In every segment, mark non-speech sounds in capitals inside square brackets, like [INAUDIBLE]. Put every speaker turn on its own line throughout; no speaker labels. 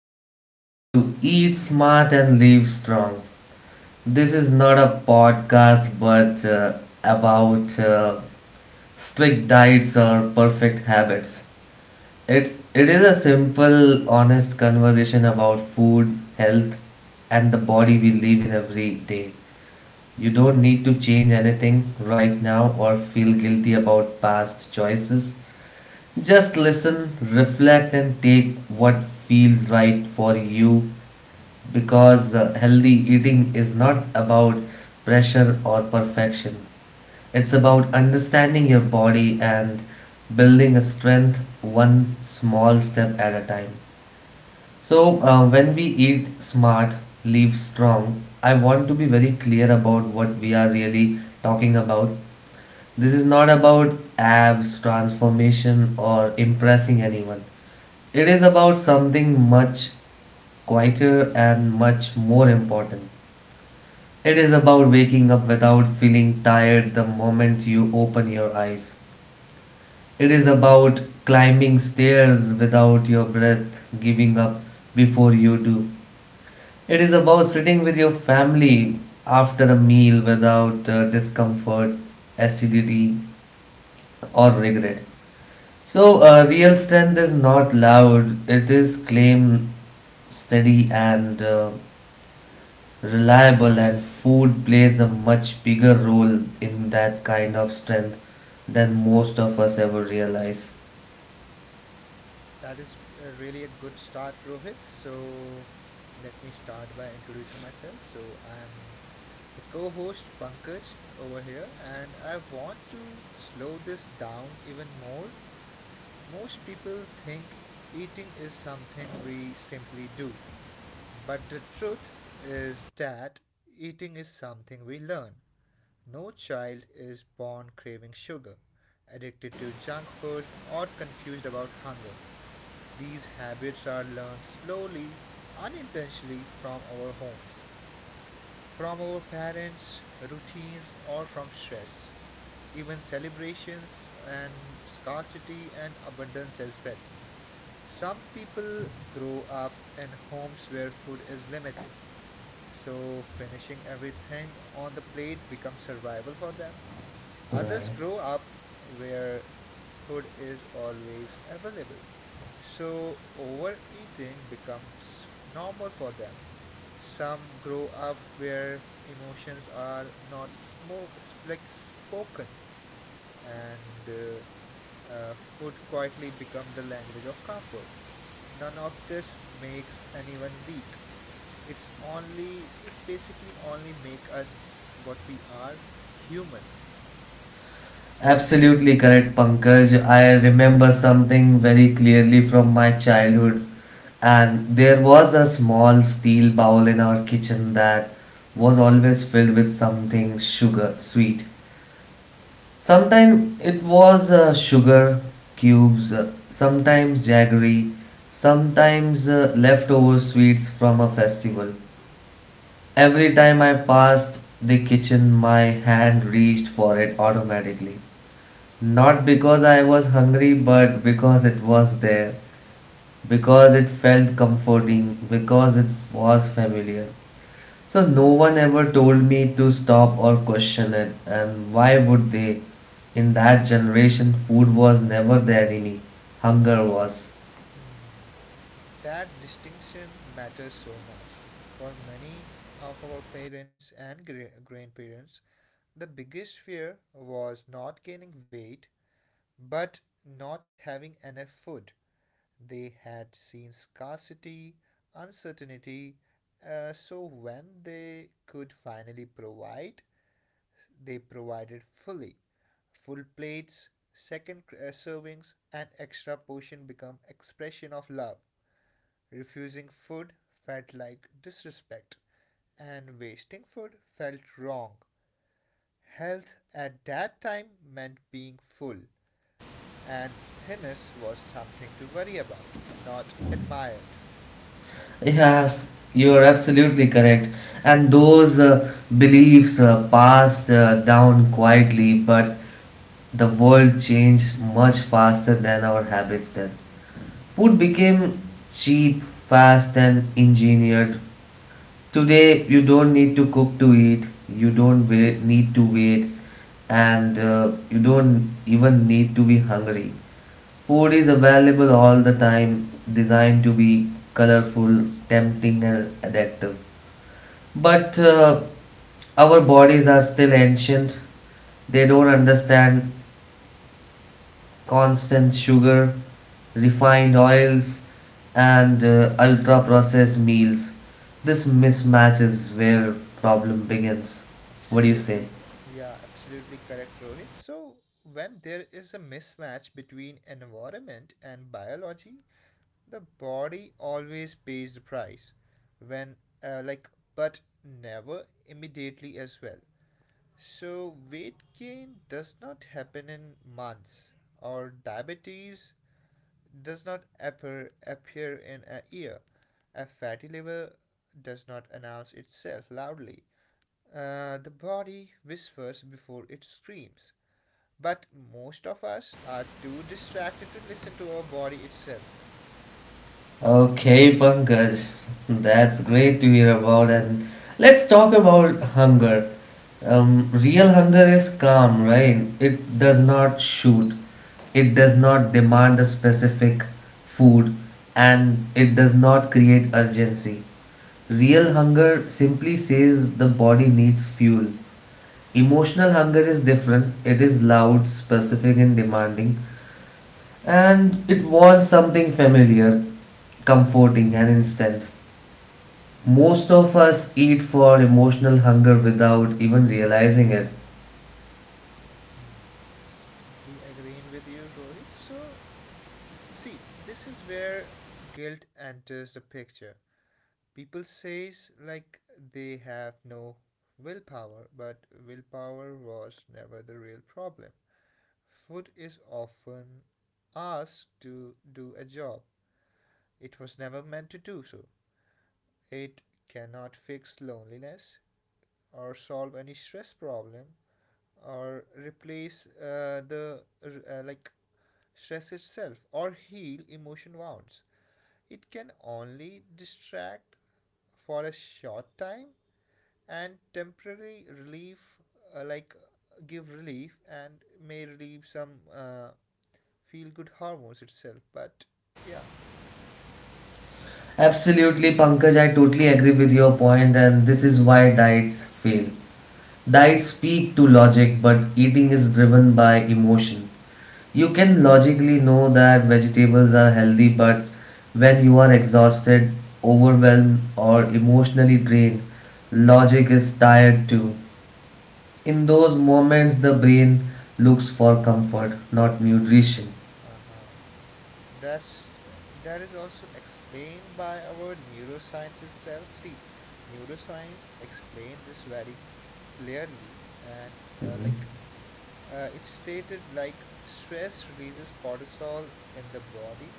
and welcome to Eat Smart and Live Strong. This is not a podcast but about strict diets or perfect habits. It is a simple, honest conversation about food, health, and the body we live in every day. You don't need to change anything right now or feel guilty about past choices. Just listen, reflect, and take what feels right for you because healthy eating is not about pressure or perfection. It's about understanding your body and building a strength one small step at a time. So, when we eat smart, live strong, I want to be very clear about what we are really talking about. This is not about abs, transformation, or impressing anyone. It is about something much quieter and much more important. It is about waking up without feeling tired the moment you open your eyes. It is about climbing stairs without your breath giving up before you do. It is about sitting with your family after a meal without discomfort, acidity, or regret. So, real strength is not loud, it is claim steady and reliable, and food plays a much bigger role in that kind of strength than most of us ever realize.
That is really a good start, Rohit. So let me start by introducing myself. So I'm the co host Pankaj over here, and I want to slow this down even more. Most people think eating is something we simply do, but the truth is that eating is something we learn. No child is born craving sugar, addicted to junk food, or confused about hunger. These habits are learned slowly, unintentionally from our homes, from our parents, routines, or from stress. Even celebrations and scarcity and abundance as well. Some people grow up in homes where food is limited, so finishing everything on the plate becomes survival for them. Others
Right.
grow up where food is always available, so overeating becomes normal for them. Some grow up where emotions are not smoke like spoken and food quietly become the language of comfort. None of this makes anyone weak. It's only it basically only make us what we are, human.
Absolutely correct, Pankaj. I remember something very clearly from my childhood, and there was a small steel bowl in our kitchen that was always filled with something sugar sweet. Sometimes it was sugar cubes, sometimes jaggery, sometimes leftover sweets from a festival. Every time I passed the kitchen, my hand reached for it automatically. Not because I was hungry, but because it was there, because it felt comforting, because it was familiar. So no one ever told me to stop or question it, and why would they? In that generation, food was never the enemy, hunger was.
That distinction matters so much for many of our parents and grandparents. The biggest fear was not gaining weight, but not having enough food. They had seen scarcity, uncertainty, so when they could finally provide, they provided fully. Full plates, second servings, and extra portion become expression of love. Refusing food felt like disrespect, and wasting food felt wrong. Health at that time meant being full, and thinness was something to worry about, not admired.
Yes, you are absolutely correct. And those beliefs passed down quietly, but the world changed much faster than our habits then. Food became cheap, fast, and engineered. Today, you don't need to cook to eat, you don't wait, need to wait, and you don't even need to be hungry. Food is available all the time, designed to be colorful, tempting, and addictive. But our bodies are still ancient, they don't understand constant
Hmm.
sugar, refined oils, and ultra processed meals. This mismatch is where problem begins. What do you say?
Absolutely, yeah, absolutely correct, Rohit. So, when there is a mismatch between environment and biology, the body always pays the price. When, uh, like, but never immediately as well. So, weight gain does not happen in months, or diabetes does not appear in a year. A fatty liver does not announce itself loudly. The body whispers before it screams. But most of us are too distracted to listen to our body itself.
Okay, Pankaj, [LAUGHS] that's great to hear about. And let's talk about hunger. Real hunger is calm, right? It does not shoot, it does not demand a specific food, and it does not create urgency. Real hunger simply says the body needs fuel. Emotional hunger is different, it is loud, specific, and demanding, and it wants something familiar, comforting, and instant. Most of us eat for emotional hunger without even realizing it.
Mm. Totally agreeing with you, Rohit. So, see, this is where guilt enters the picture. People says like they have no willpower, but willpower was never the real problem. Food is often asked to do a job it was never meant to do so. It cannot fix loneliness or solve any stress problem or replace the like stress itself or heal emotion wounds. It can only distract for a short time and temporary relief uh, like give relief and may relieve some feel good hormones itself but yeah.
Absolutely, Pankaj, I totally agree with your point, and this is why diets fail. Diets speak to logic, but eating is driven by emotion. You can logically know that vegetables are healthy, but when you are exhausted, overwhelmed, or emotionally drained, logic is tired too. In those moments, the brain looks for comfort, not nutrition.
Uh-huh. That's that is also explained by our neuroscience itself. See, neuroscience explained this very clearly, and uh, like
Mhm.
it stated, like stress releases cortisol in the body,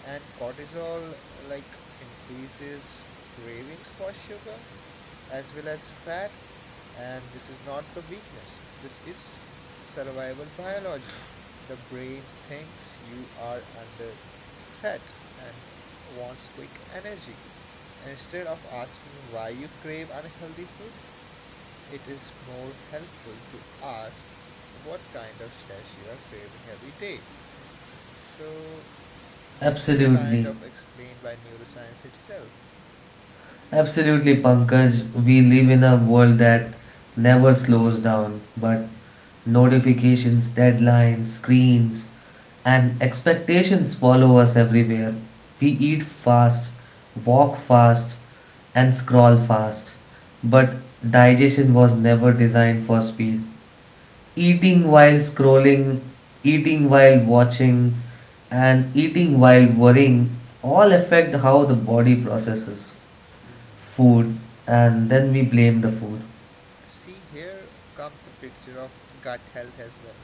and cortisol increases cravings for sugar, as well as fat. And this is not the weakness, this is survival biology. The brain thinks you are under threat and wants quick energy. Instead of asking why you crave unhealthy food, it is more helpful to ask what kind of stress you are craving every day. So this is kind
Absolutely.
of explained by neuroscience itself.
Absolutely, Pankaj. We live in a world that never slows down, but notifications, deadlines, screens, and expectations follow us everywhere. We eat fast, walk fast, and scroll fast. But digestion was never designed for speed. Eating while scrolling, eating while watching, and eating while worrying all affect how the body processes
Mm-hmm.
food,
see
and then we blame the food.
See, here comes the picture of gut health as well.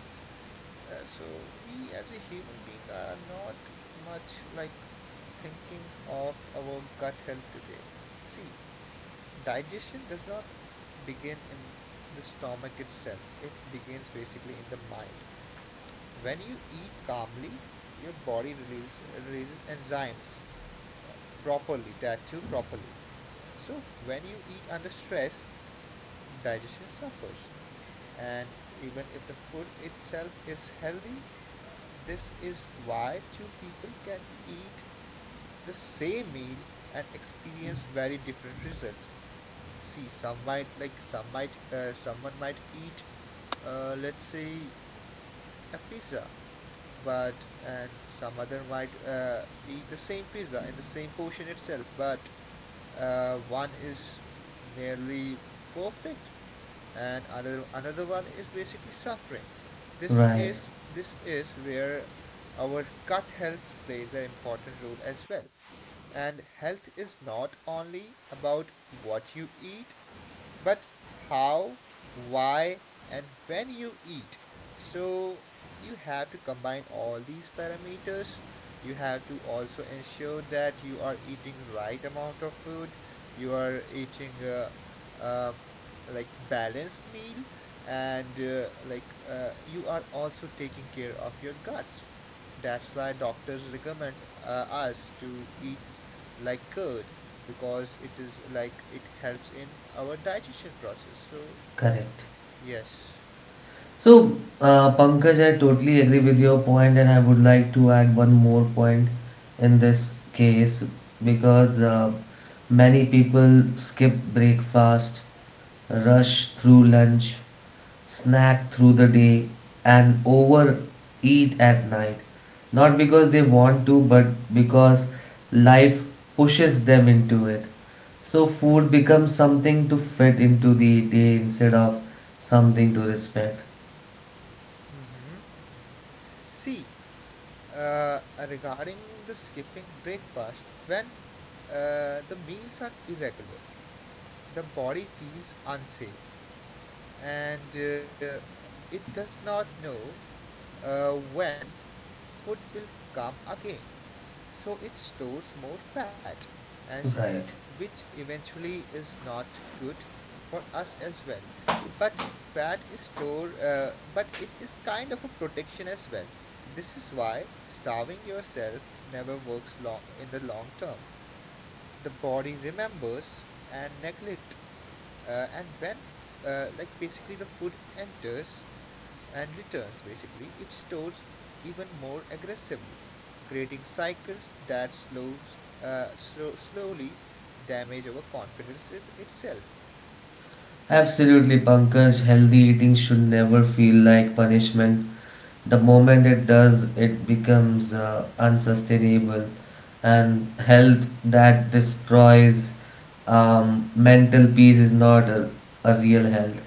So, we as a human being are not much like thinking of our gut health today. See, digestion does not begin in the stomach itself, it begins basically in the mind. When you eat calmly, your releases enzymes uh, properly, that too properly. So, when you eat under stress, digestion suffers. And even if the food itself is healthy, this is why two people can eat the same meal and experience very different results. See, some might someone might eat, let's say, a pizza but and some other might eat the same pizza in the same portion itself but one is nearly perfect and another one is basically suffering.
Right.
This is where our gut health plays an important role as well. And health is not only about what you eat, but how, why, and when you eat. So you have to combine all these parameters. You have to also ensure that you are eating right amount of food. You are eating uh like balanced meal, and you are also taking care of your guts. That's why doctors recommend us to eat like curd because it is like it helps in our digestion process. So,
Correct.
yes.
So, Pankaj, I totally agree with your point, and I would like to add one more point in this case because many people skip breakfast, rush through lunch, snack through the day, and overeat at night. Not because they want to, but because life pushes them into it. So, food becomes something to fit into the day instead of something to respect.
See, uh, regarding the skipping breakfast, when the meals are irregular, the body feels unsafe and it does not know when food will come again. So it stores more fat, as
Right.
which eventually is not good for us as well. But fat is stored, but it is kind of a protection as well. This is why starving yourself never works long in the long term. The body remembers and neglect and when basically the food enters and returns basically it stores even more aggressively creating cycles that slowly damage our confidence itself.
Absolutely, Pankaj. Healthy eating should never feel like punishment. The moment it does, it becomes unsustainable, and health that destroys mental peace is not a real health.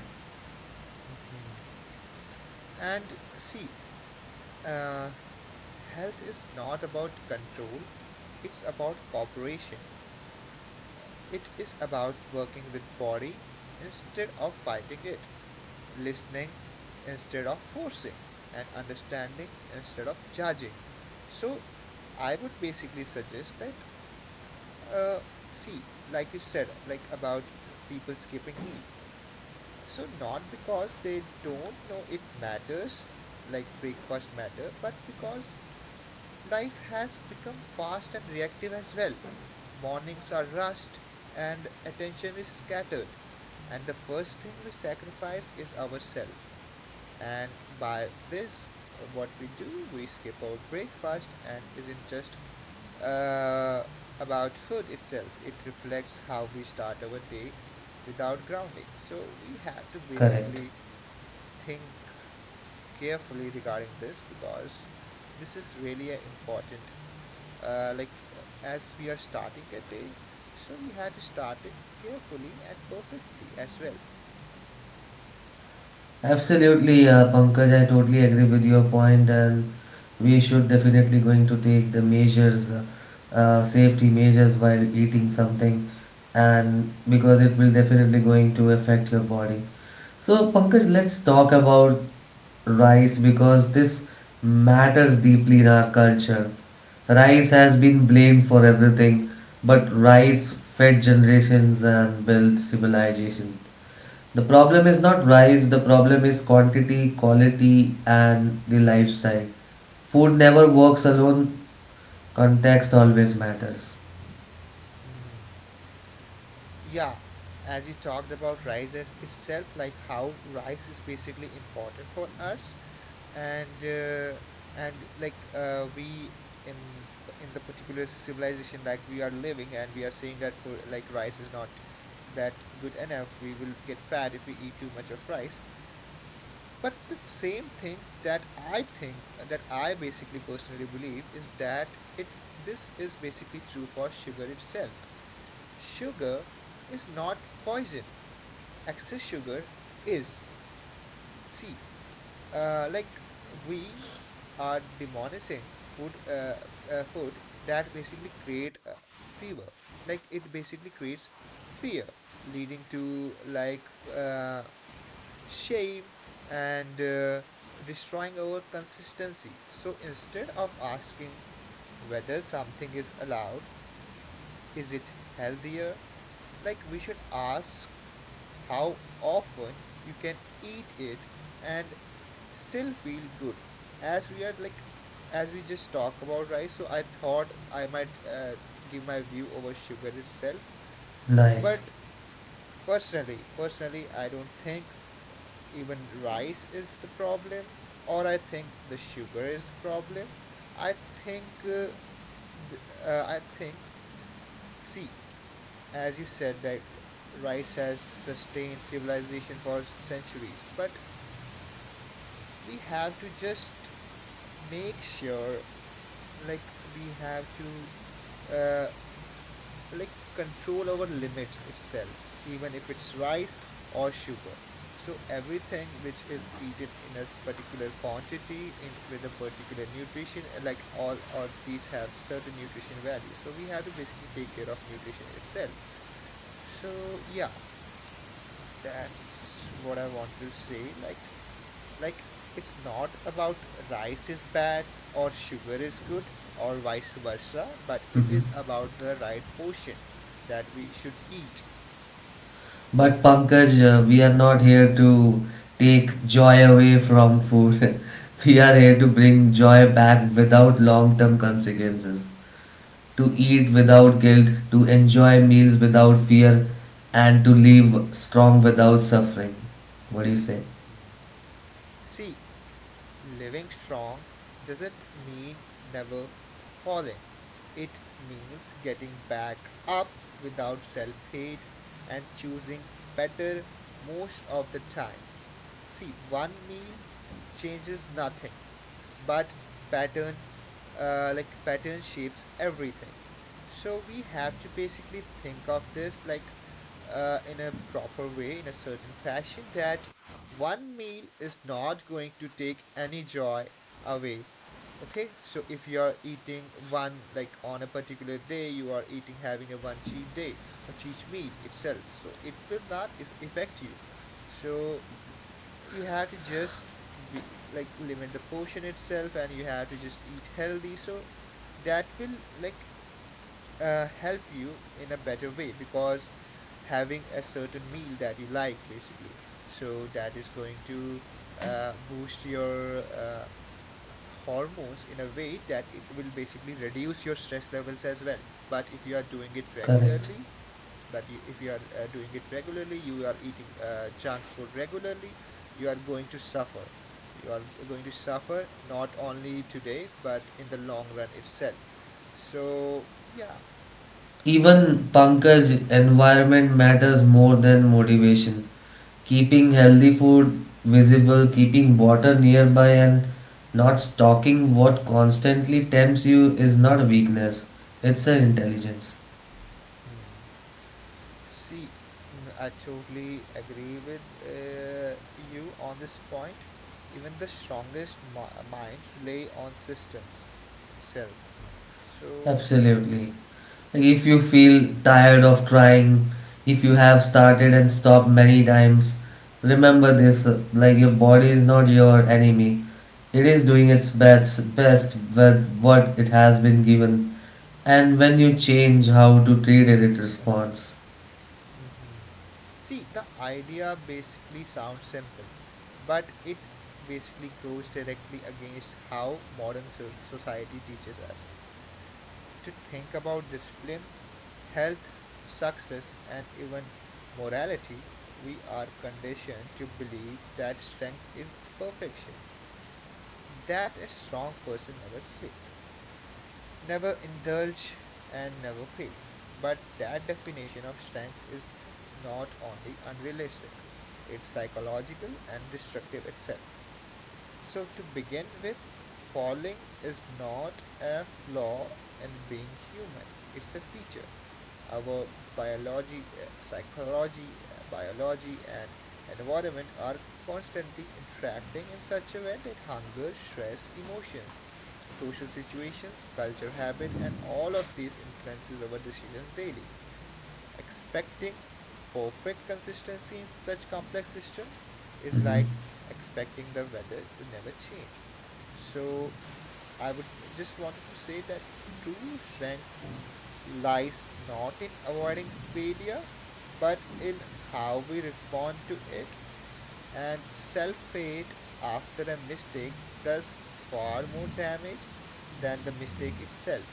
And see, uh, health is not about control, it's about cooperation. It is about working with body instead of fighting it, listening instead of forcing, and understanding instead of judging. So I would basically suggest that uh, see, like you said, like about people skipping meals. So not because they don't know it matters, like breakfast matter, but because life has become fast and reactive as well. Mornings are rushed and attention is scattered. And the first thing we sacrifice is ourselves. And by this, what we do, we skip our breakfast and isn't just uh, about food itself. It reflects how we start our day without grounding. So we have to
Correct.
basically think carefully regarding this because this is really an important as we are starting a day, so we had to start it carefully and perfectly as well.
Absolutely, Pankaj. I totally agree with your point, and we should definitely going to take the measures, safety measures while eating something, and because it will definitely going to affect your body. So, Pankaj, let's talk about rice because this matters deeply in our culture. Rice has been blamed for everything, but rice fed generations and built civilization. The problem is not rice, the problem is quantity, quality, and the lifestyle. Food never works alone, context always matters.
Mm. Yeah, as you talked about itself, like how rice is basically important for us. And and we in in the particular civilization that we are living and we are saying that for like rice is not that good enough, we will get fat if we eat too much of rice. But the same thing that I think that I basically personally believe is that it this is basically true for sugar itself. Sugar is not poison. Excess sugar is. See, uh, like we are demonizing food food that basically create fever. Like it basically creates fear, leading to shame, and destroying our consistency. So instead of asking whether something is allowed, is it healthier? Like we should ask how often you can eat it and still feel good. As we are like as we just talk about rice, so I thought I might give my view over sugar itself.
Nice.
But personally, I don't think even rice is the problem or I think the sugar is the problem. I think I think see, as you said that rice has sustained civilization for centuries but we have to just make sure like we have to uh, control over limits itself, even if it's rice or sugar. So everything which is eaten in a particular quantity in with a particular nutrition, like all of these have certain nutrition value. So we have to basically take care of nutrition itself. So yeah, that's what I wanted to say. Like it's not about rice is bad or sugar is good, or vice versa, but it
Mhm.
is about the right portion that we should eat.
But Pankaj, we are not here to take joy away from food. [LAUGHS] We are here to bring joy back without long term consequences. To eat without guilt, to enjoy meals without fear, and to live strong without suffering. What do you say?
See, living strong doesn't mean never falling, it means getting back up without self hate and choosing better most of the time. See, one meal changes nothing, but pattern pattern shapes everything. So we have to basically think of this like in a proper way in a certain fashion that one meal is not going to take any joy away. Okay, so if you are eating one like on a particular day you are eating having a one cheat day or cheat meal itself, so it will not if affect you. So you have to just be like limit the portion itself and you have to just eat healthy, so that will like help you in a better way because having a certain meal that you like basically so that is going to boost your hormones in a way that it will basically reduce your stress levels as well. But if you are doing it
Correct.
regularly, but if you are doing it regularly you are eating junk food regularly, you are going to suffer. You are going to suffer not only today but in the long run itself. So yeah.
Even Pankaj, environment matters more than motivation. Keeping healthy food visible, keeping water nearby, and not stalking what constantly tempts you is not a weakness, it's an intelligence.
Hmm. see Mm, I totally agree with you on this point. Even the strongest mind rely on systems itself, so.
Absolutely. Like if you feel tired of trying, if you have started and stopped many times, remember this, like your body is not your enemy. It is doing its best with what it has been given, and when you change how to treat it, it responds.
Mhm. See, the idea basically sounds simple, but it basically goes directly against how modern society teaches us to think about discipline, health, success, and even morality. We are conditioned to believe that strength is perfection, that a strong person never sleeps, never indulge, and never fails. But that definition of strength is not only unrealistic, it's psychological and destructive itself. So, to begin with, falling is not a flaw in being human, it's a feature. Our biology, and environment are constantly interacting in such a way that hunger, stress, emotions, social situations, culture, habit, and all of these influences our decisions daily. Expecting perfect consistency in such complex system is
Mhm.
like expecting the weather to never change. So I would just wanted to say that true strength lies not in avoiding failure but in how we respond to it, and self-hate after a mistake does far more damage than the mistake itself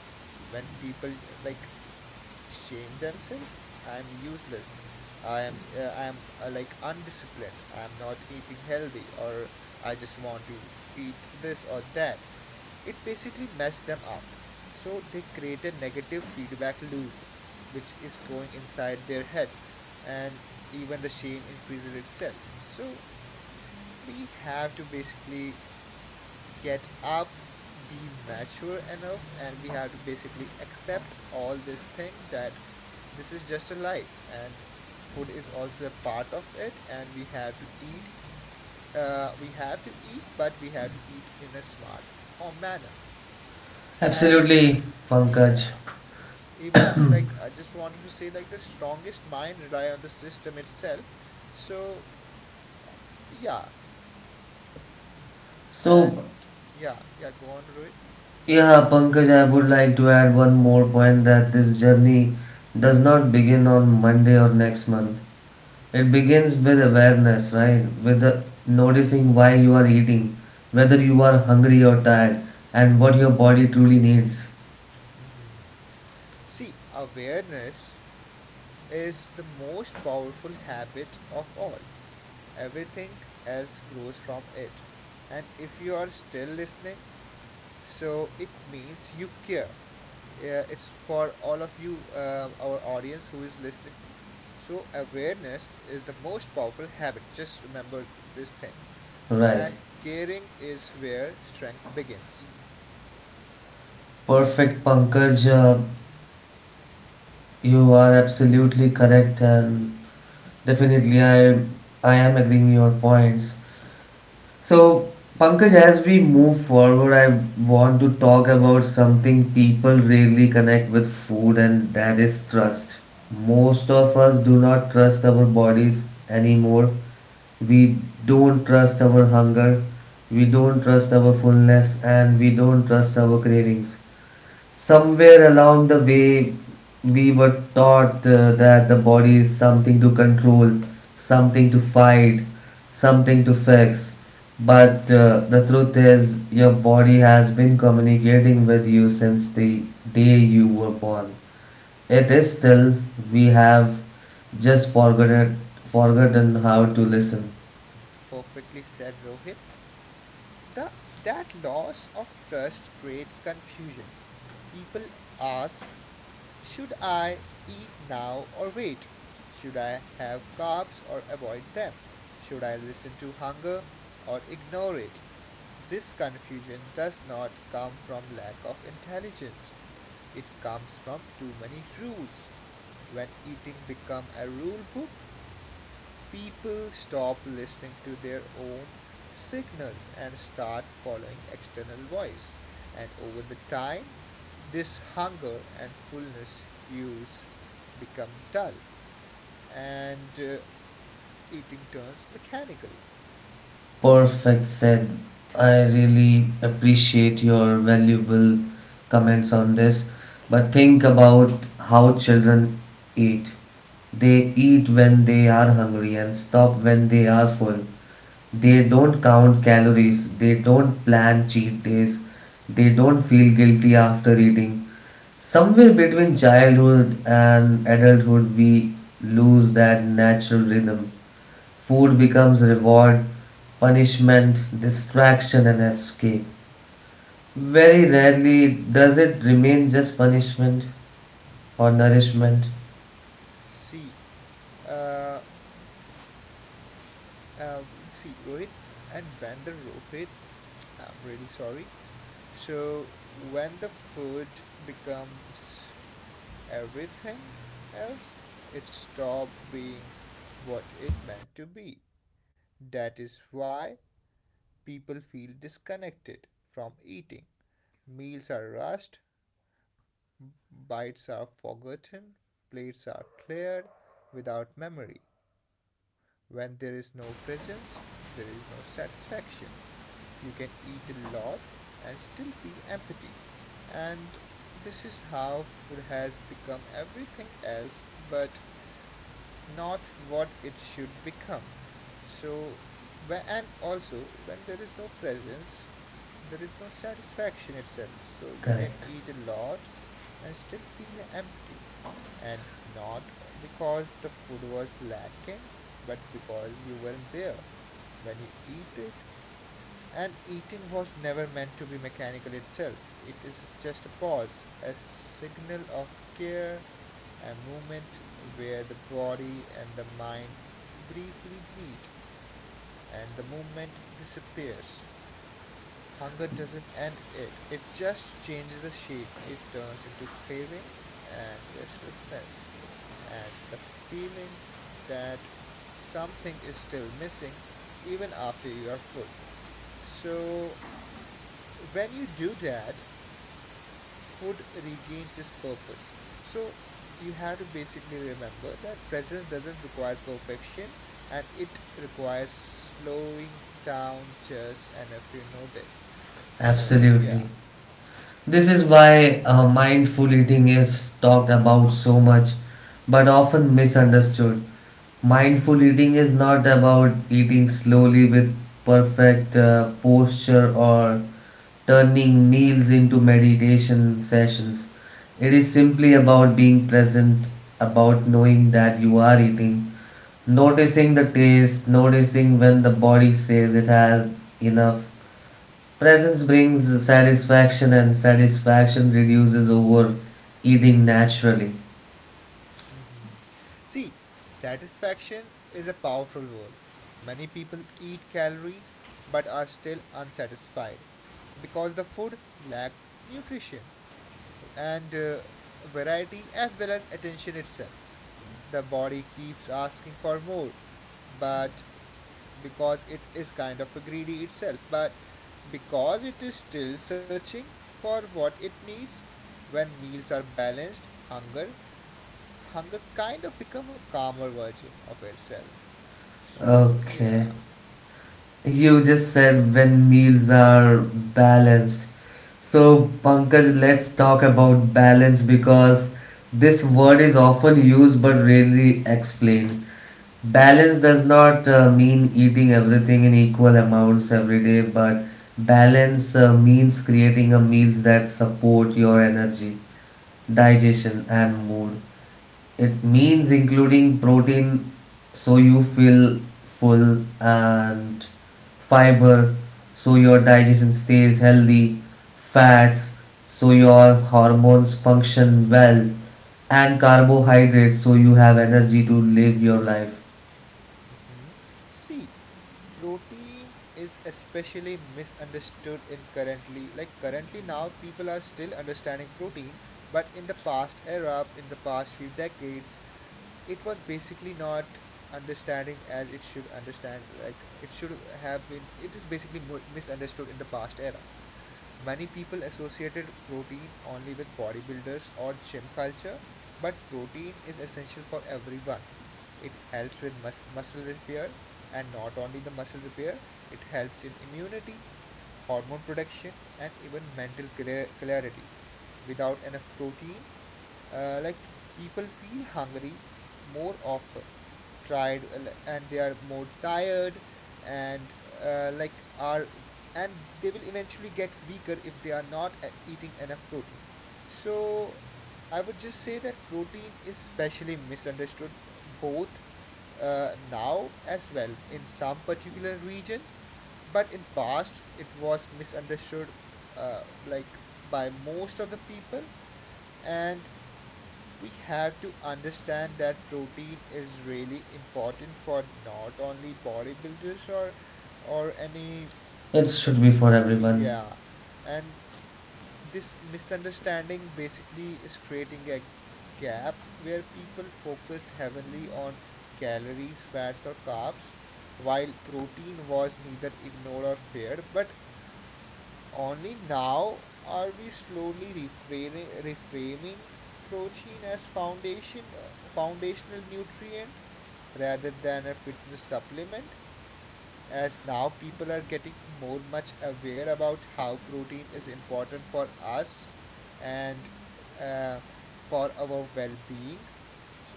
when people, like, shame themselves. I'm useless. I am like, undisciplined. I'm not eating healthy, or I just want to eat this or that. It basically messed them up. So they create a negative feedback loop, which is going inside their head, and even the shame increases itself. So we have to basically get up, be mature enough, and we have to basically accept all this thing that this is just a life, and food is also a part of it, and we have to eat, we have to eat, but we have to eat in a smart or manner, and
Absolutely, Pankaj.
yeah, even like I just wanted to say like the strongest mind rely on the system itself. So yeah,
So,
and yeah, go on Rohit.
yeah, Pankaj, I would like to add one more point that this journey does not begin on Monday or next month. It begins with awareness, right? With the noticing why you are eating, whether you are hungry or tired, and what your body truly needs.
Mm-hmm. See, awareness is the most powerful habit of all. Everything else grows from it. And if you are still listening, so it means you care. It's for all of you, our audience who is listening. So, awareness is the most powerful habit. Just remember this thing. And
Right?
caring is where strength begins.
Perfect, Pankaj. You are absolutely correct and definitely, I am agreeing your points. So, Pankaj, as we move forward, I want to talk about something people really connect with food, and that is trust. Most of us do not trust our bodies anymore. We don't trust our hunger, we don't trust our fullness, and we don't trust our cravings. Somewhere along the way, we were taught that the body is something to control, something to fight, something to fix. But the truth is, your body has been communicating with you since the day you were born. It is
Hmm.
still, we have just forgotten, forgotten how to listen.
Perfectly said, Rohit. The, that loss of trust create confusion. People ask, should I eat now or wait? Should I have carbs or avoid them? Should I listen to hunger or ignore it? This confusion does not come from lack of intelligence. It comes from too many rules. When eating become a rule book, people stop listening to their own signals and start following external voice, and over the time this hunger and fullness cues become dull, and eating turns mechanical.
Perfect said. I really appreciate your valuable comments on this. But think about how children eat. They eat when they are hungry and stop when they are full. They don't count calories. They don't plan cheat days. They don't feel guilty after eating. Somewhere between childhood and adulthood, we lose that natural rhythm. Food becomes reward, punishment, distraction, and escape. Very rarely does it remain just punishment or nourishment.
See uh, uh, see rohit and when the rohit I'm really sorry. So when the food becomes everything else, it stopped being what it meant to be. That is why people feel disconnected from eating. Meals are rushed, bites are forgotten, plates are cleared without memory. When there is no presence, there is no satisfaction. You can eat a lot and still feel empty. And this is how food has become everything else but not what it should become. So, and also when there is no presence, there is no satisfaction itself. So, you can
Correct.
eat a lot and still feel empty. And not because the food was lacking, but because you weren't there when you eat it. And eating was never meant to be mechanical itself. It is just a pause, a signal of care, a moment where the body and the mind briefly meet and the movement disappears. Hunger doesn't end it, it just changes the shape. It turns into cravings and restlessness, and the feeling that something is still missing even after you are full. So, when you do that, food regains its purpose. So you have to basically remember that presence doesn't require perfection, and it requires slowing down just enough to notice. So,
Absolutely.
yeah.
This is why mindful eating is talked about so much but often misunderstood. Mindful eating is not about eating slowly with perfect posture or turning meals into meditation sessions. It is simply about being present, about knowing that you are eating, noticing the taste, noticing when the body says it has enough. Presence brings satisfaction, and satisfaction reduces overeating naturally.
See, satisfaction is a powerful word. Many people eat calories but are still unsatisfied because the food lack nutrition and, variety as well as attention itself. The body keeps asking for more, but because it is kind of greedy itself, but because it is still searching for what it needs. When meals are balanced, hunger kind of become a calmer version of itself. So yeah.
Okay. You just said when meals are balanced. So, Pankaj, let's talk about balance because this word is often used but rarely explained. Balance does not mean eating everything in equal amounts every day, but balance means creating a meals that support your energy, digestion, and mood. It means including protein so you feel full, and fiber so your digestion stays healthy, fats so your hormones function well, and carbohydrates so you have energy to live your life.
Mhm. See, protein is especially misunderstood in currently. Now people are still understanding protein, but in the past era, in the past few decades, it was basically not understanding as it should understand, like it should have been. It is basically misunderstood in the past era. Many people associated protein only with bodybuilders or gym culture, but protein is essential for everyone. It helps with muscle repair, and not only the muscle repair, it helps in immunity, hormone production, and even mental clarity. Without enough protein, like, people feel hungry more often, tried, and they are more tired, and like are and they will eventually get weaker if they are not eating enough protein. So I would just say that protein is specially misunderstood, both now as well in some particular region, but in past it was misunderstood, like, by most of the people. And we have to understand that protein is really important for not only bodybuilders or any,
It
uh,
should be for everyone.
yeah. And this misunderstanding basically is creating a gap where people focused heavily on calories, fats, or carbs, while protein was neither ignored or feared. But only now are we slowly reframing protein as foundation, foundational nutrient rather than a fitness supplement, as now people are getting more much aware about how protein is important for us, and uh, for our well-being,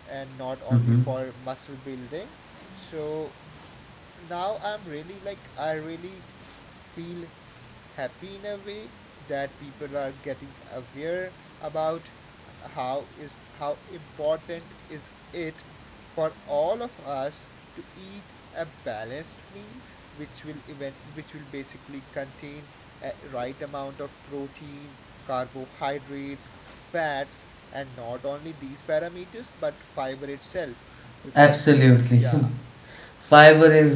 and not only
Hmm.
for muscle building. So now I'm really like I really feel happy in a way that people are getting aware about how is how important is it for all of us to eat a balanced meal, which will eventually, which will basically contain a right amount of protein, carbohydrates, fats, and not only these parameters but fiber itself, because
Absolutely.
yeah.
[LAUGHS] Fiber is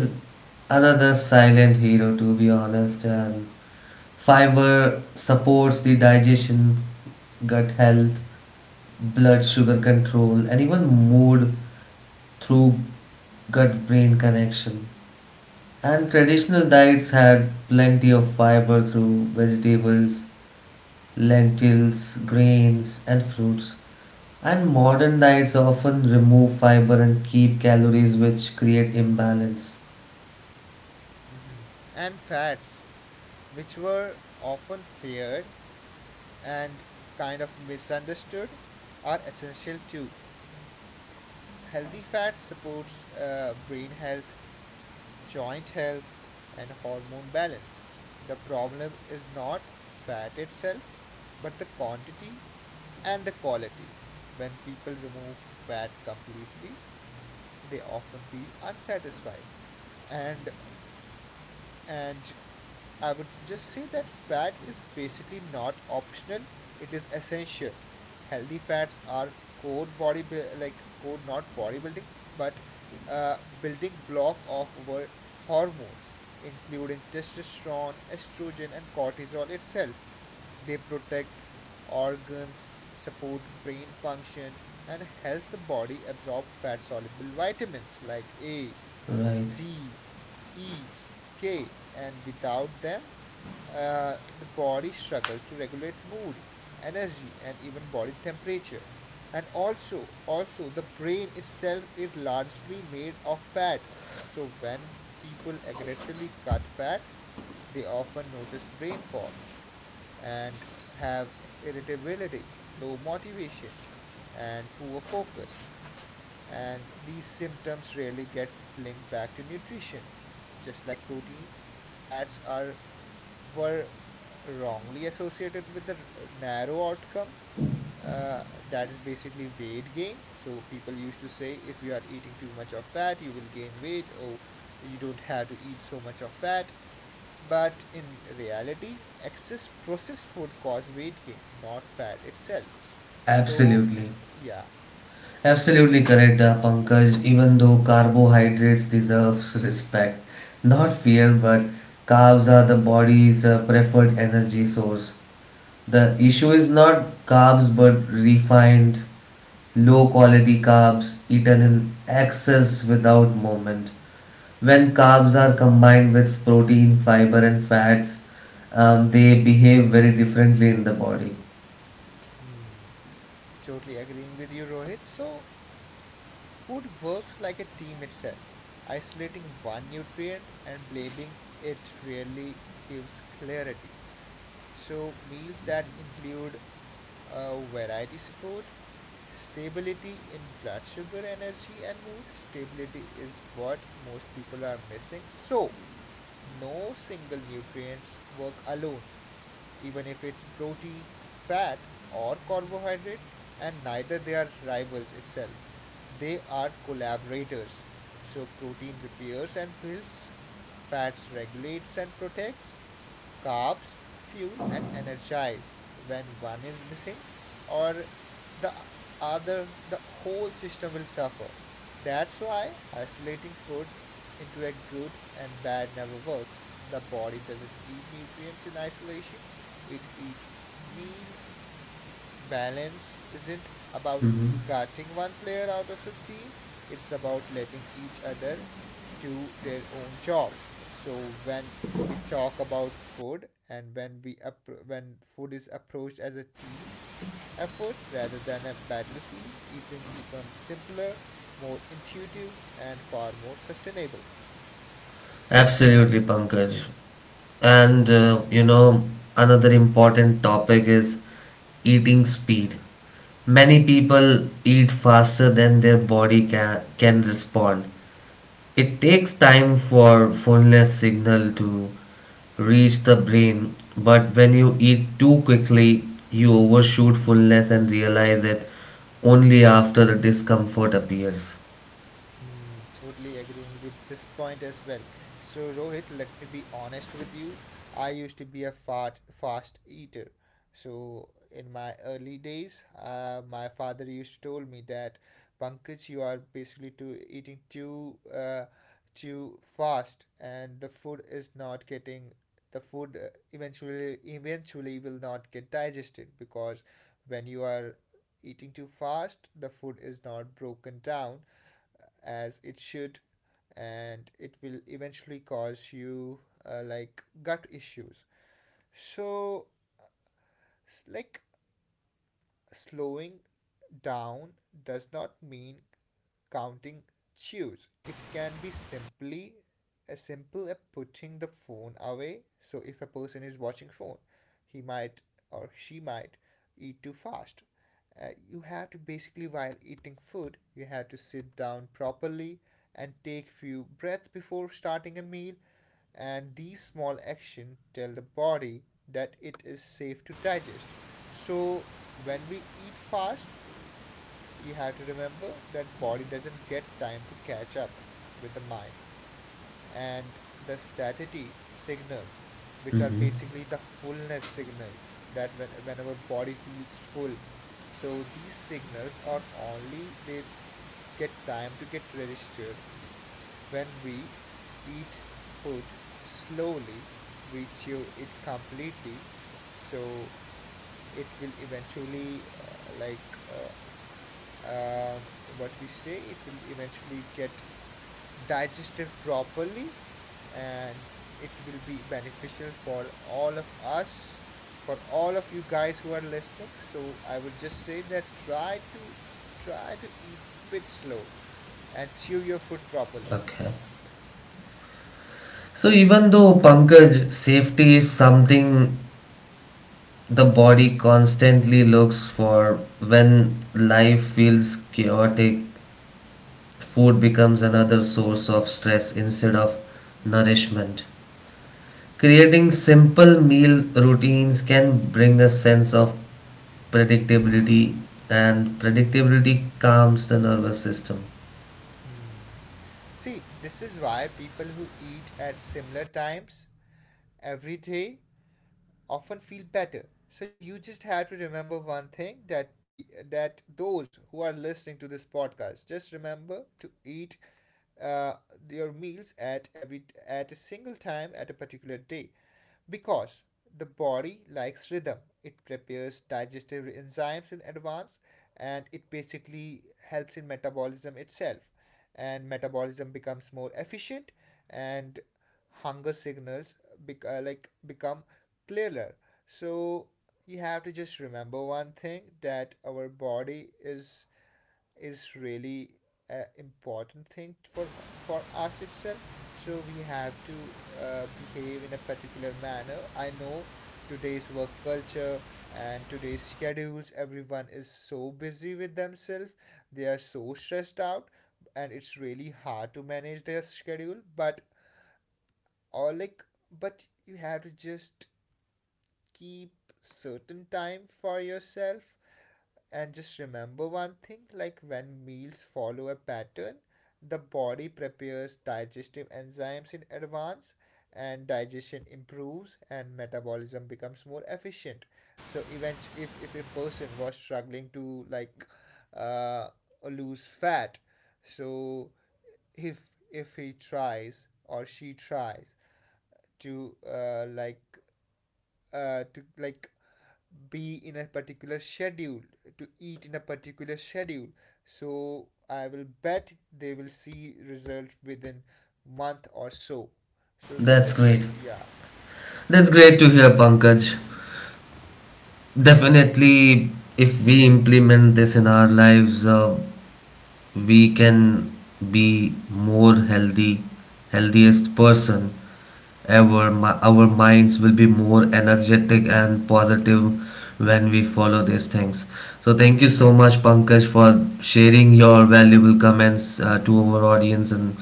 another silent hero, to be honest. And fiber supports the digestion, gut health, blood sugar control, and even mood through gut brain connection. And traditional diets had plenty of fiber through vegetables, lentils, grains, and fruits. And modern diets often remove fiber and keep calories, which create imbalance.
Mhm. And fats, which were often feared and kind of misunderstood, are essential too. Healthy fat supports brain health, joint health, and hormone balance. The problem is not fat itself, but the quantity and the quality. When people remove fat completely, they often feel unsatisfied, and and I would just say that fat is basically not optional, it is essential. Healthy fats are core body, like core not bodybuilding, but building block of our hormones, including testosterone, estrogen, and cortisol itself. They protect organs, support brain function, and help the body absorb fat soluble vitamins like A,
Right,
D, E, K, and without them, the body struggles to regulate mood, energy, and even body temperature. And also, also the brain itself is largely made of fat. So when people aggressively cut fat, they often notice brain fog and have irritability, low motivation, and poor focus. And these symptoms rarely get linked back to nutrition. Just like protein, fats are, were wrongly associated with the narrow outcome, that is basically weight gain. So people used to say if you are eating too much of fat, you will gain weight, or you don't have to eat so much of fat. But in reality, excess processed food cause weight gain, not fat itself. So
absolutely.
yeah.
Absolutely correct, Pankaj. Even though carbohydrates deserves respect, not fear, but carbs are the body's preferred energy source. The issue is not carbs, but refined, low-quality carbs eaten in excess without movement. When carbs are combined with protein, fiber, and fats, they behave very differently in the body.
Hmm. Totally agreeing with you, Rohit. So, food works like a team itself. Isolating one nutrient and blaming it really gives clarity. So, meals that include, variety support, stability in blood sugar, energy, and mood. Stability is what most people are missing. So, no single nutrients work alone, even if it's protein, fat, or carbohydrate, and neither they are rivals itself. They are collaborators. So protein repairs and builds, fats regulates and protects, carbs fuel and energize. When one is missing or the other, the whole system will suffer. That's why isolating food into a good and bad never works. The body doesn't eat nutrients in isolation, it eats meals. Balance isn't about cutting one player out of the team, it's about letting each other do their own job. So when we talk about food, and when we when food is approached as a team effort rather than a battlefield, eating becomes simpler, more intuitive, and far more sustainable.
Absolutely, Pankaj. And you know, another important topic is eating speed. Many people eat faster than their body can respond. It takes time for phoneless signal to reach the brain, but when you eat too quickly, you overshoot fullness and realize it only after the discomfort appears.
Hmm, totally agreeing with this point as well. So Rohit, let me be honest with you. I used to be a fat fast eater. So in my early days, my father used to told me that Pankaj, you are basically too eating too fast, and the food is not getting, the food, eventually, will not get digested, because when you are eating too fast, the food is not broken down as it should, and it will eventually cause you, like, gut issues. So, like, slowing down does not mean counting chews. It can be simply as simple as putting the phone away. So if a person is watching phone, he might or she might eat too fast. You have to basically while eating food, you have to sit down properly and take few breaths before starting a meal. And these small actions tell the body that it is safe to digest. So when we eat fast, you have to remember that body doesn't get time to catch up with the mind and the satiety signals which are
Mm-hmm.
basically the fullness signals that whenever body feels full, so these signals are only they get time to get registered when we eat food slowly, we chew it completely, so it will eventually um, what we say, it will eventually get digested properly and it will be beneficial for all of us, for all of you guys who are listening. So I would just say that try to eat bit slow and chew your food properly.
Okay. So even though Pankaj, safety is something the body constantly looks for when life feels chaotic, food becomes another source of stress instead of nourishment. Creating simple meal routines can bring a sense of predictability, and predictability calms the nervous system.
See, this is why people who eat at similar times every day often feel better. So you just have to remember one thing, that those who are listening to this podcast, just remember to eat uh, your meals at every at a single time at a particular day, because the body likes rhythm. It prepares digestive enzymes in advance and it basically helps in metabolism itself. And metabolism becomes more efficient and hunger signals become clearer. So you have to just remember one thing, that our body is really an important thing for us itself, so we have to behave in a particular manner. I know today's work culture and today's schedules, everyone is so busy with themselves, they are so stressed out and it's really hard to manage their schedule, but or like but you have to just keep certain time for yourself. And just remember one thing, like when meals follow a pattern, the body prepares digestive enzymes in advance, and digestion improves and metabolism becomes more efficient. So if a person was struggling to like uh, lose fat, so if if he tries or she tries to to like be in a particular schedule, to eat in a particular schedule, so I will bet they will see results within month or so. So
That's
just
great.
yeah.
That's great to hear, Pankaj. Definitely, if we implement this in our lives, we can be more healthy, healthiest person ever. Our minds will be more energetic and positive when we follow these things. So, thank you so much, Pankaj, for sharing your valuable comments to our audience, and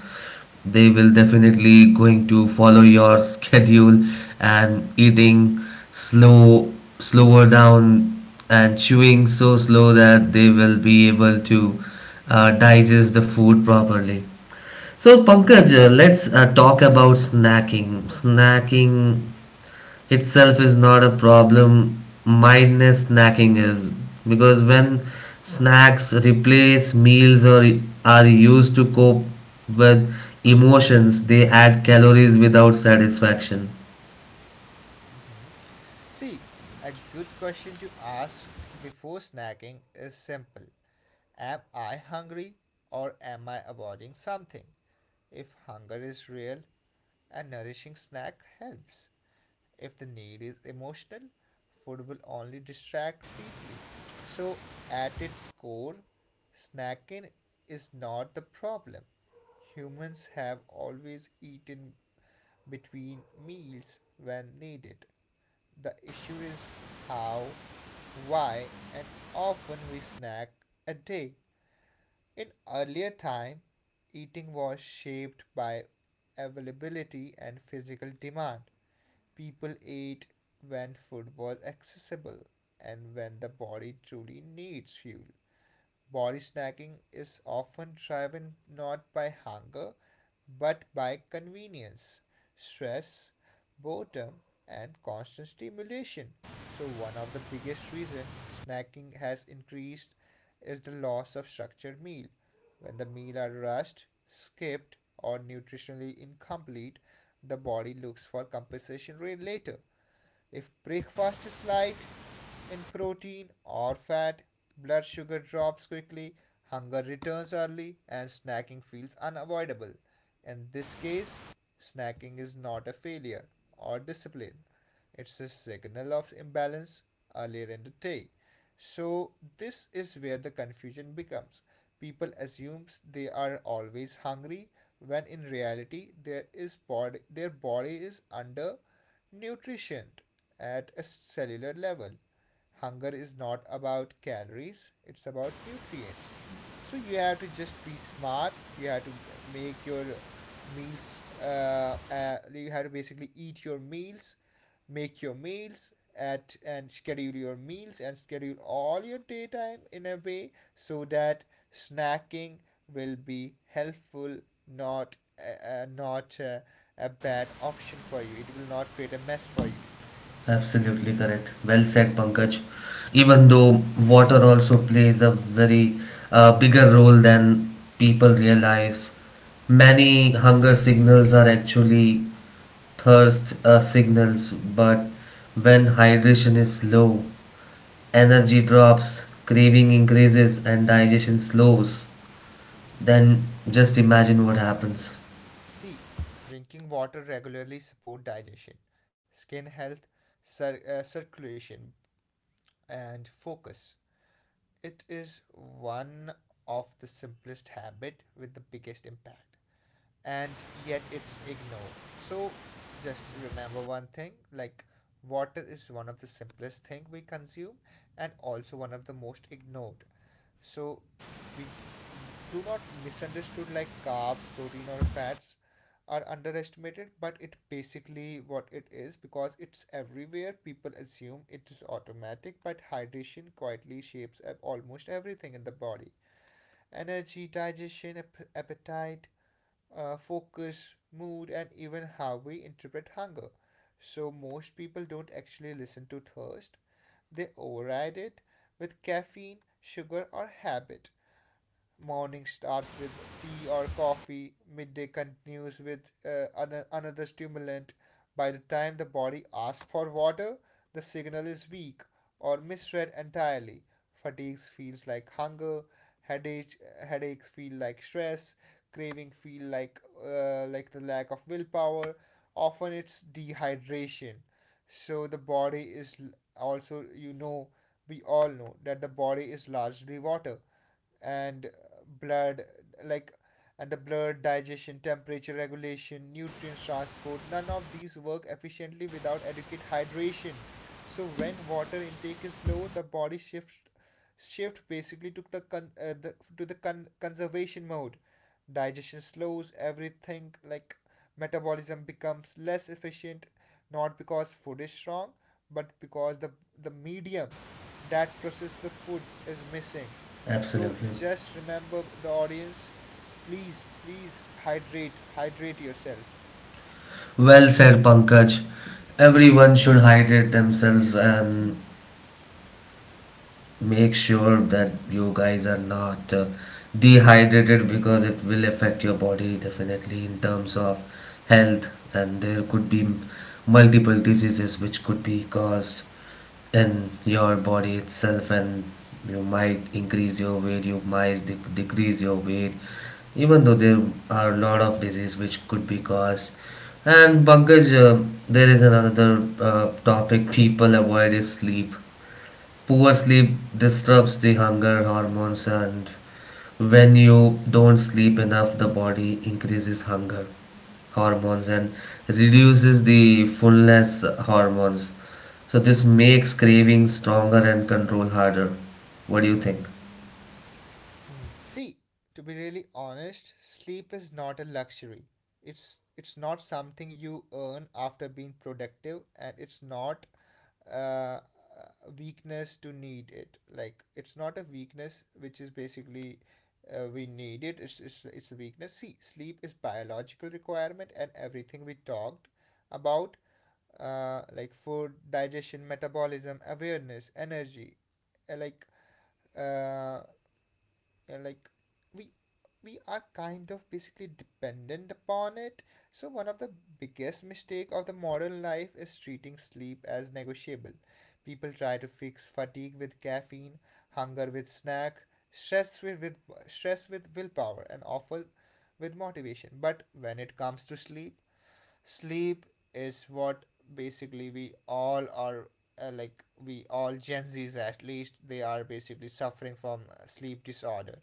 they will definitely going to follow your schedule and eating slow slower down and chewing so slow that they will be able to digest the food properly. So Pankaj, let's talk about snacking. Snacking itself is not a problem. Mindless snacking is, because when snacks replace meals or are used to cope with emotions, they add calories without satisfaction.
See, a good question to ask before snacking is simple. Am I hungry or am I avoiding something? If hunger is real, a nourishing snack helps. If the need is emotional, food will only distract briefly. So, at its core, snacking is not the problem. Humans have always eaten between meals when needed. The issue is how, why, and often we snack a day. In earlier time, eating was shaped by availability and physical demand. People ate when food was accessible and when the body truly needs fuel. Body snacking is often driven not by hunger, but by convenience, stress, boredom, and constant stimulation. So one of the biggest reason snacking has increased is the loss of structured meal. When the meal are rushed, skipped, or nutritionally incomplete, the body looks for compensation later. If breakfast is light, in protein or fat, blood sugar drops quickly, hunger returns early, and snacking feels unavoidable. In this case, snacking is not a failure or discipline, it's a signal of imbalance earlier in the day. So, this is where the confusion becomes. People assume they are always hungry when in reality there is body, their body is under nutrition at a cellular level. Hunger is not about calories, it's about nutrients. So you have to just be smart, you have to make your meals you have to basically eat your meals, make your meals at and schedule your meals and schedule all your daytime in a way so that snacking will be helpful, not not a bad option for you. It will not create a mess for you.
Absolutely correct. Well said, Pankaj. Even though water also plays a very bigger role than people realize, many hunger signals are actually thirst signals, but when hydration is low, energy drops, craving increases, and digestion slows, then just imagine what happens.
C. Drinking water regularly support digestion, skin health, circulation, and focus. It is one of the simplest habit with the biggest impact and yet it's ignored. So just remember one thing, like water is one of the simplest thing we consume and also one of the most ignored. So we do not misunderstood like carbs, protein or fats are underestimated, but it basically what it is, because it's everywhere, people assume it is automatic. But hydration quietly shapes almost everything in the body: energy, digestion, appetite, focus, mood, and even how we interpret hunger. So, most people don't actually listen to thirst, they override it with caffeine, sugar, or habit. Morning starts with tea or coffee, midday continues with another stimulant. By the time the body asks for water, the signal is weak or misread entirely. Fatigue feels like hunger, headache, headaches feel like stress, craving feel like the lack of willpower. Often it's dehydration. So the body is, also you know, we all know that the body is largely water and blood, like, and the blood, digestion, temperature regulation, nutrients transport, none of these work efficiently without adequate hydration. So when water intake is low, the body shifts shift basically to the conservation mode. Digestion slows everything, like metabolism becomes less efficient, not because food is strong, but because the medium that processes the food is missing. So
Absolutely.
just remember the audience, please, please hydrate, yourself.
Well said, Pankaj. Everyone should hydrate themselves and make sure that you guys are not dehydrated, because it will affect your body definitely in terms of health, and there could be multiple diseases which could be caused in your body itself. And you might increase your weight, you might decrease your weight, even though there are a lot of diseases which could be caused. And Pankaj, there is another topic people avoid, is sleep. Poor
Hmm.
sleep disrupts the hunger hormones, and when you don't sleep enough, the body increases hunger hormones and reduces the fullness hormones. So, this makes craving stronger and control harder. What do you think?
Hmm. See, to be really honest, sleep is not a luxury. It's not something you earn after being productive, and it's not a weakness to need it. Like it's not a weakness, which is basically we need it. It's a weakness. See, sleep is biological requirement, and everything we talked about, like food, digestion, metabolism, awareness, energy, uh, like uh, uh, like we we are kind of basically dependent upon it. So one of the biggest mistake of the modern life is treating sleep as negotiable. People try to fix fatigue with caffeine, hunger with snack, stress with, stress with willpower, and offer with motivation. But when it comes to sleep, sleep is what basically we all are, we all gen z's at least they are basically suffering from sleep disorder.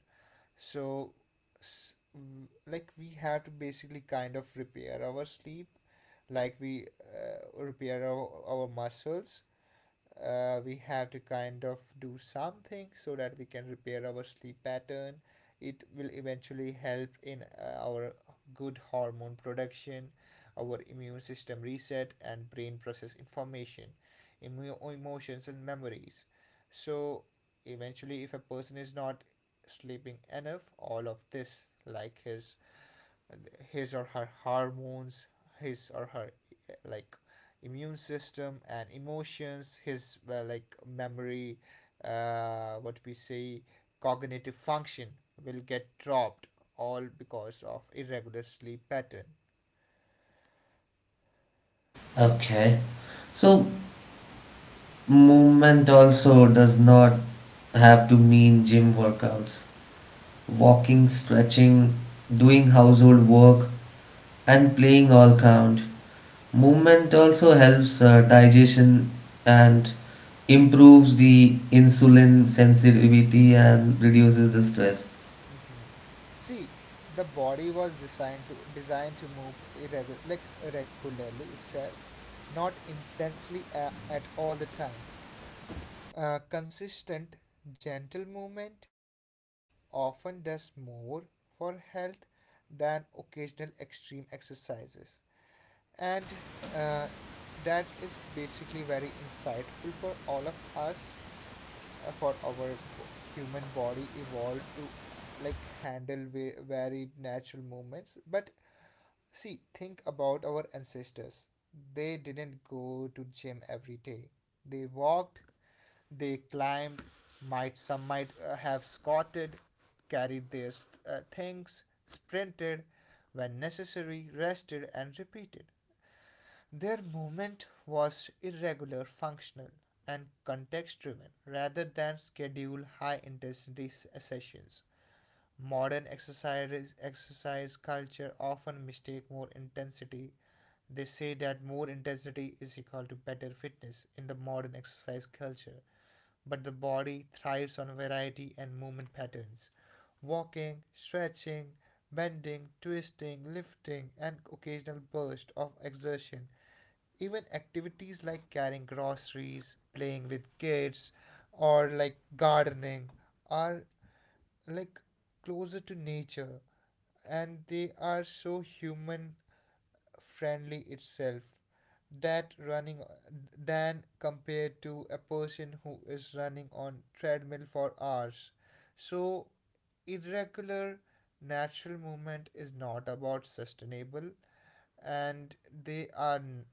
So we have to basically kind of repair our sleep, like we repair our muscles, we have to kind of do something so that we can repair our sleep pattern. It will eventually help in our good hormone production, our immune system reset, and brain process information, emotions, and memories. So, eventually, if a person is not sleeping enough, all of this, like his or her hormones, his or her uh, like immune system and emotions, his well, like memory, what we say, cognitive function will get dropped, all because of irregular sleep pattern.
Okay. So, movement also does not have to mean gym workouts. Walking, stretching, doing household work, and playing all count. Movement also helps digestion and improves the insulin sensitivity and reduces the stress.
Mhm. See, the body was designed to move irregular like regularly itself, not intensely at all the time. A consistent, gentle movement often does more for health than occasional extreme exercises. And uh, that is basically very insightful for all of us, uh, for our b- human body evolved to handle varied natural movements. But see, think about our ancestors. They didn't go to gym every day. They walked, they climbed, might some might have squatted, carried their things, sprinted when necessary, rested and repeated. Their movement was irregular, functional and context driven rather than schedule high intensity sessions. Modern exercise culture often mistake more intensity. They say that more intensity is equal to better fitness in the modern exercise culture, but the body thrives on variety and movement patterns. Walking, stretching, bending, twisting, lifting, and occasional burst of exertion. Even activities like carrying groceries, playing with kids, or like gardening are like closer to nature and they are so human friendly itself, that running than compared to a person who is running on treadmill for hours. So irregular natural movement is not about sustainable, and they are n-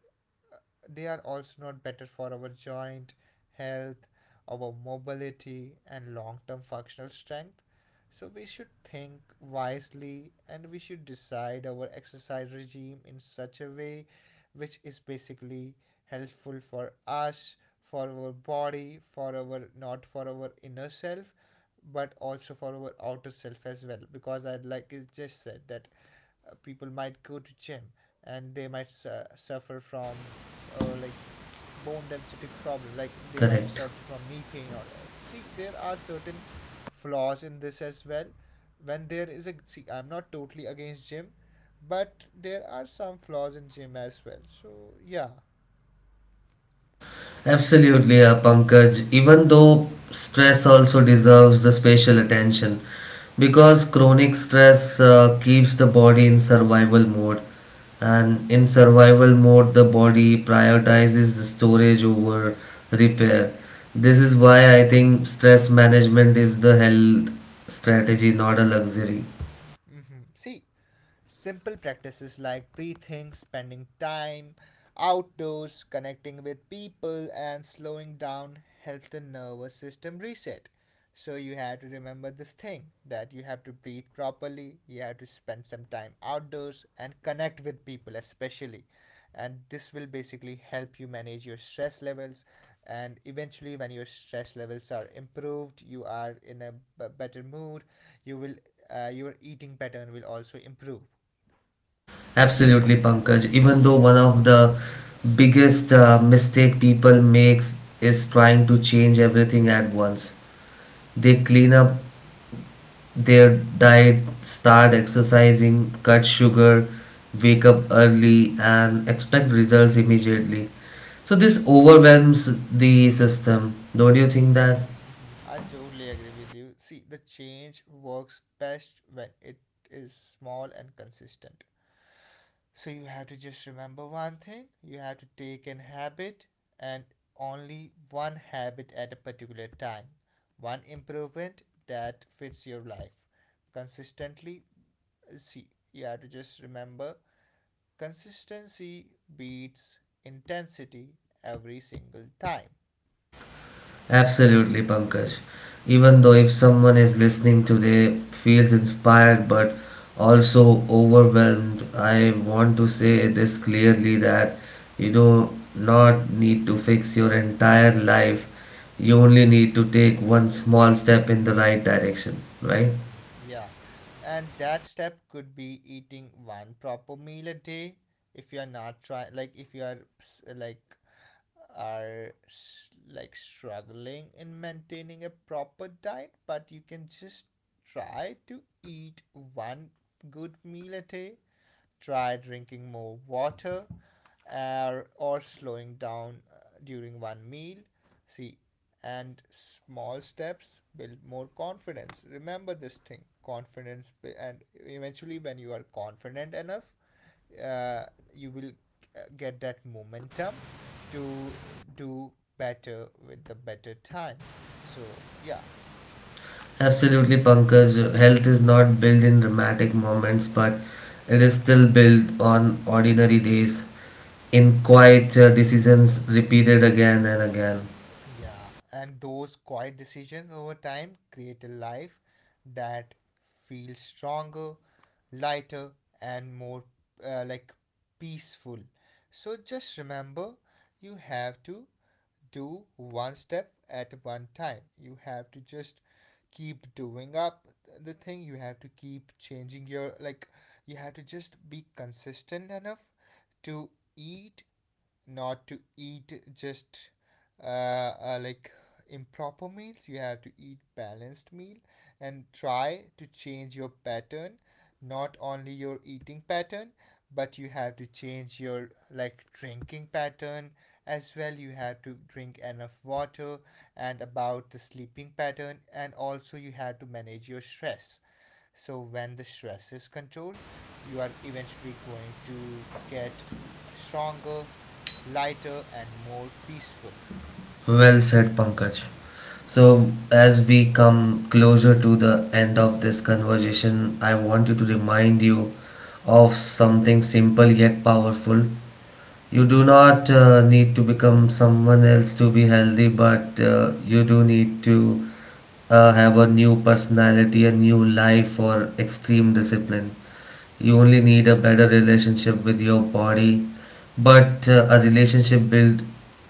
they are also not better for our joint health, our mobility, and long term functional strength. So, we should think wisely and we should decide our exercise regime in such a way which is basically helpful for us, for our body, for our not for our inner self, but also for our outer self as well. Because I just said that people might go to gym and they might suffer from uh, like bone density problem, like they might
Correct.
suffer from knee pain or see there are certain flaws in this as well, when there is a, see I'm not totally against gym, but there are some flaws in gym as well. So yeah,
Absolutely, Pankaj. Even though stress also deserves the special attention, because chronic stress keeps the body in survival mode, and in survival mode, the body prioritizes the storage over repair. This is why I think stress management is the health strategy, not a luxury.
see, simple practices like breathing, spending time outdoors, connecting with people, and slowing down help the nervous system reset. So you have to remember this thing that you have to breathe properly, you have to spend some time outdoors and connect with people especially, and this will basically help you manage your stress levels, and eventually when your stress levels are improved you are in a better mood. You will, your eating pattern will also improve.
Absolutely, Pankaj. Even though one of the biggest mistake people makes is trying to change everything at once. They clean up their diet, start exercising, cut sugar, wake up early, and expect results immediately. So this overwhelms the system. Don't you think that?
Mm-hmm. I totally agree with you. See, the change works best when it is small and consistent. So you have to just remember one thing. You have to take an habit and only one habit at a particular time. One improvement that fits your life. Consistently, see, you have to just remember consistency beats intensity every single time.
Absolutely, Pankaj. Even though if someone is listening today feels inspired but also overwhelmed, I want to say this clearly, that you do not need to fix your entire life. You only need to take one small step in the right direction, right?
Yeah. And that step could be eating one proper meal a day if you are not trying, if you are like are struggling in maintaining a proper diet, but you can just try to eat one good meal a day, try drinking more water, or slowing down during one meal. See, and small steps build more confidence. Remember this thing, confidence, and eventually, when you are confident enough, uh, you will get that momentum to do better with the better time, so yeah.
Absolutely, Pankaj. Health is not built in dramatic moments, but it is still built on ordinary days, in quiet decisions repeated again and again.
Yeah, and those quiet decisions over time create a life that feels stronger, lighter, and more uh, like peaceful. So just remember, you have to do one step at one time. You have to just keep doing up the thing. You have to keep changing your like. You have to just be consistent enough to eat, not to eat just uh, uh, like improper meals. You have to eat balanced meal and try to change your pattern, not only your eating pattern, but you have to change your like drinking pattern as well. You have to drink enough water, and about the sleeping pattern, and also you have to manage your stress. So when the stress is controlled, you are eventually going to get stronger, lighter, and more peaceful.
Well said, Pankaj. So, as we come closer to the end of this conversation, I want to remind you of something simple yet powerful. You do not need to become someone else to be healthy, but you do need to have a new personality, a new life, or extreme discipline. You only need a better relationship with your body, but a relationship built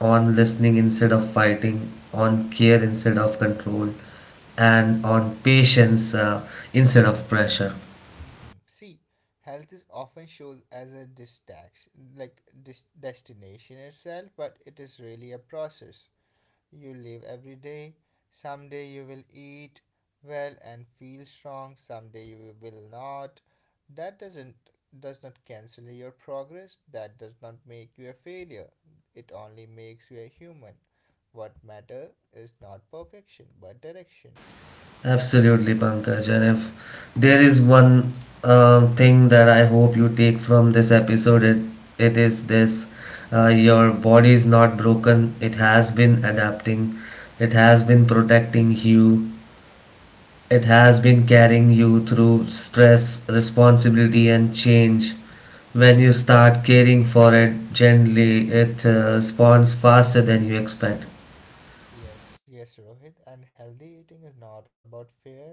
on listening instead of fighting, on care instead of control, and on patience instead of pressure.
Hmm. See, health is often shown as a distraction, like destination itself, but it is really a process. You live every day. Someday you will eat well and feel strong. Someday you will not. That doesn't does not cancel your progress. That does not make you a failure. It only makes you a human. What matter is not perfection but direction.
Absolutely, Pankaj. And if there is one thing that I hope you take from this episode, it is this: your body is not broken, it has been adapting, it has been protecting you, it has been
Mm-hmm.
carrying you through stress, responsibility, and change. When you start caring for it gently, it responds faster than you expect.
Yes, yes, Rohit. And healthy eating is not about fear.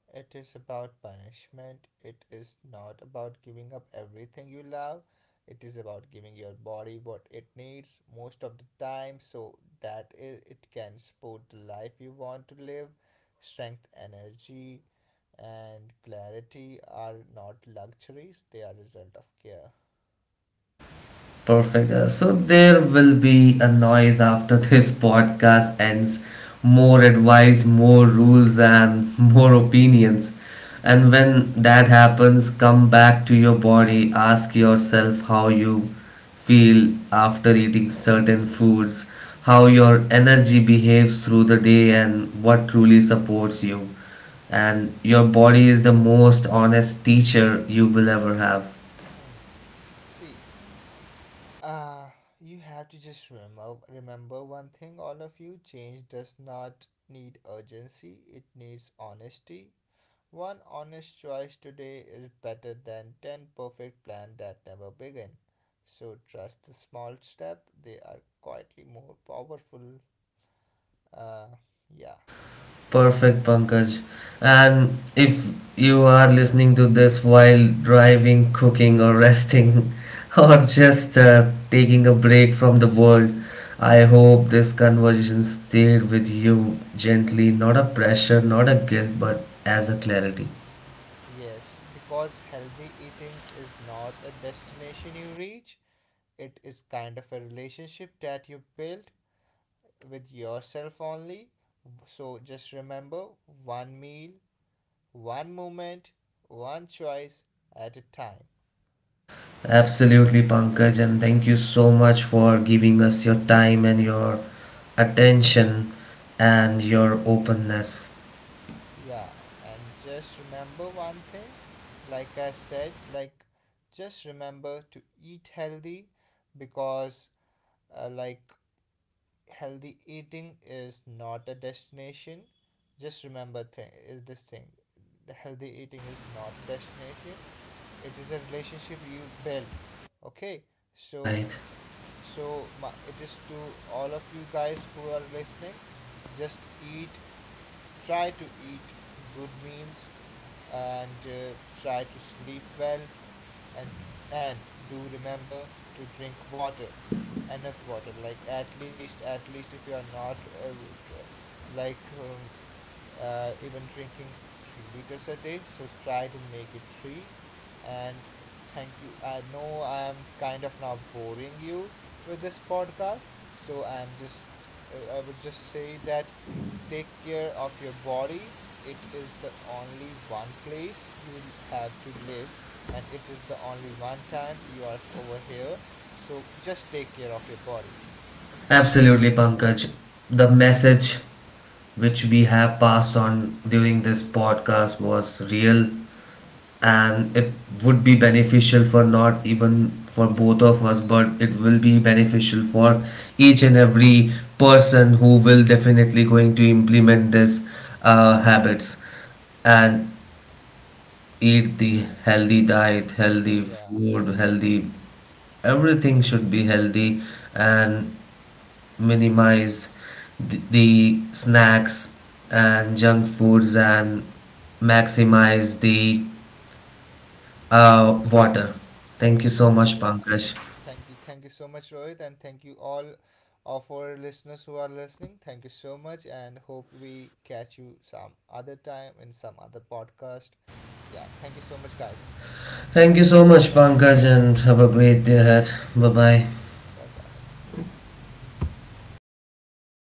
It is about punishment. It is not about giving up everything you love. It is about giving your body what it needs most of the time so that it can support the life you want to live. Strength, energy, and clarity are not luxuries, they are result of care.
Perfect. So there will be a noise after this [LAUGHS] podcast ends. More advice, more rules, and [LAUGHS] more opinions. And when that happens, come back to your body. Ask yourself how you feel after eating certain foods, how your energy behaves through the day, and what truly supports you.
Mhm.
And your body is the most honest teacher you will ever have.
Hmm. See. Uh, you have to just remember, one thing, all of you, change does not need urgency, it needs honesty. One honest choice today is better than 10 perfect plans that never begin. So trust the small step, they are quietly more powerful. Uh, yeah.
Perfect, Pankaj. And if you are listening to this while driving, cooking, or resting, [LAUGHS] or just taking a break from the world, I hope this conversation stayed with you gently, not a pressure, not a guilt, but as a clarity.
Yes, because healthy eating is not a destination you reach, it is kind of a relationship that you build with yourself only. So just remember, one meal, one moment, one choice at a time.
Absolutely, Pankaj, and thank you so much for giving us your time and your attention and your openness.
Yeah, and just remember one thing, like I said, like, just remember to eat healthy, because uh, like healthy eating is not a destination. Just remember thing is this thing. The healthy eating is not a destination. It is a relationship you build. Okay, so.
Right.
So, my, it is to all of you guys who are listening, just eat, try to eat good meals, and try to sleep well. And, and do remember to drink water, enough water, like, at least, at least if you are not like um, even drinking 3 liters a day, so try to make it 3. And thank you, I know I am kind of now boring you with this podcast, so I am just, I would just say that take care of your body, it is the only one place you have to live, and it is the only one time you are over here, so just take care of your body.
Absolutely, Pankaj. The message which we have passed on during this podcast was real, and it would be beneficial for not even for both of us, but it will be beneficial for each and every person who will definitely going to implement this habits and eat the healthy diet, healthy
Yeah.
food, healthy everything. Should be healthy and minimize the snacks and junk foods, and maximize the water. Thank you so much,
Yeah,
Pankaj.
thank you. Thank you so much, Rohit, and thank you all of our listeners who are listening. Thank you so much, and hope we catch you some other time in some other podcast. Yeah, thank you so much, guys.
Thank you so much, Pankaj, and have a great day ahead. Bye bye.
Bye bye.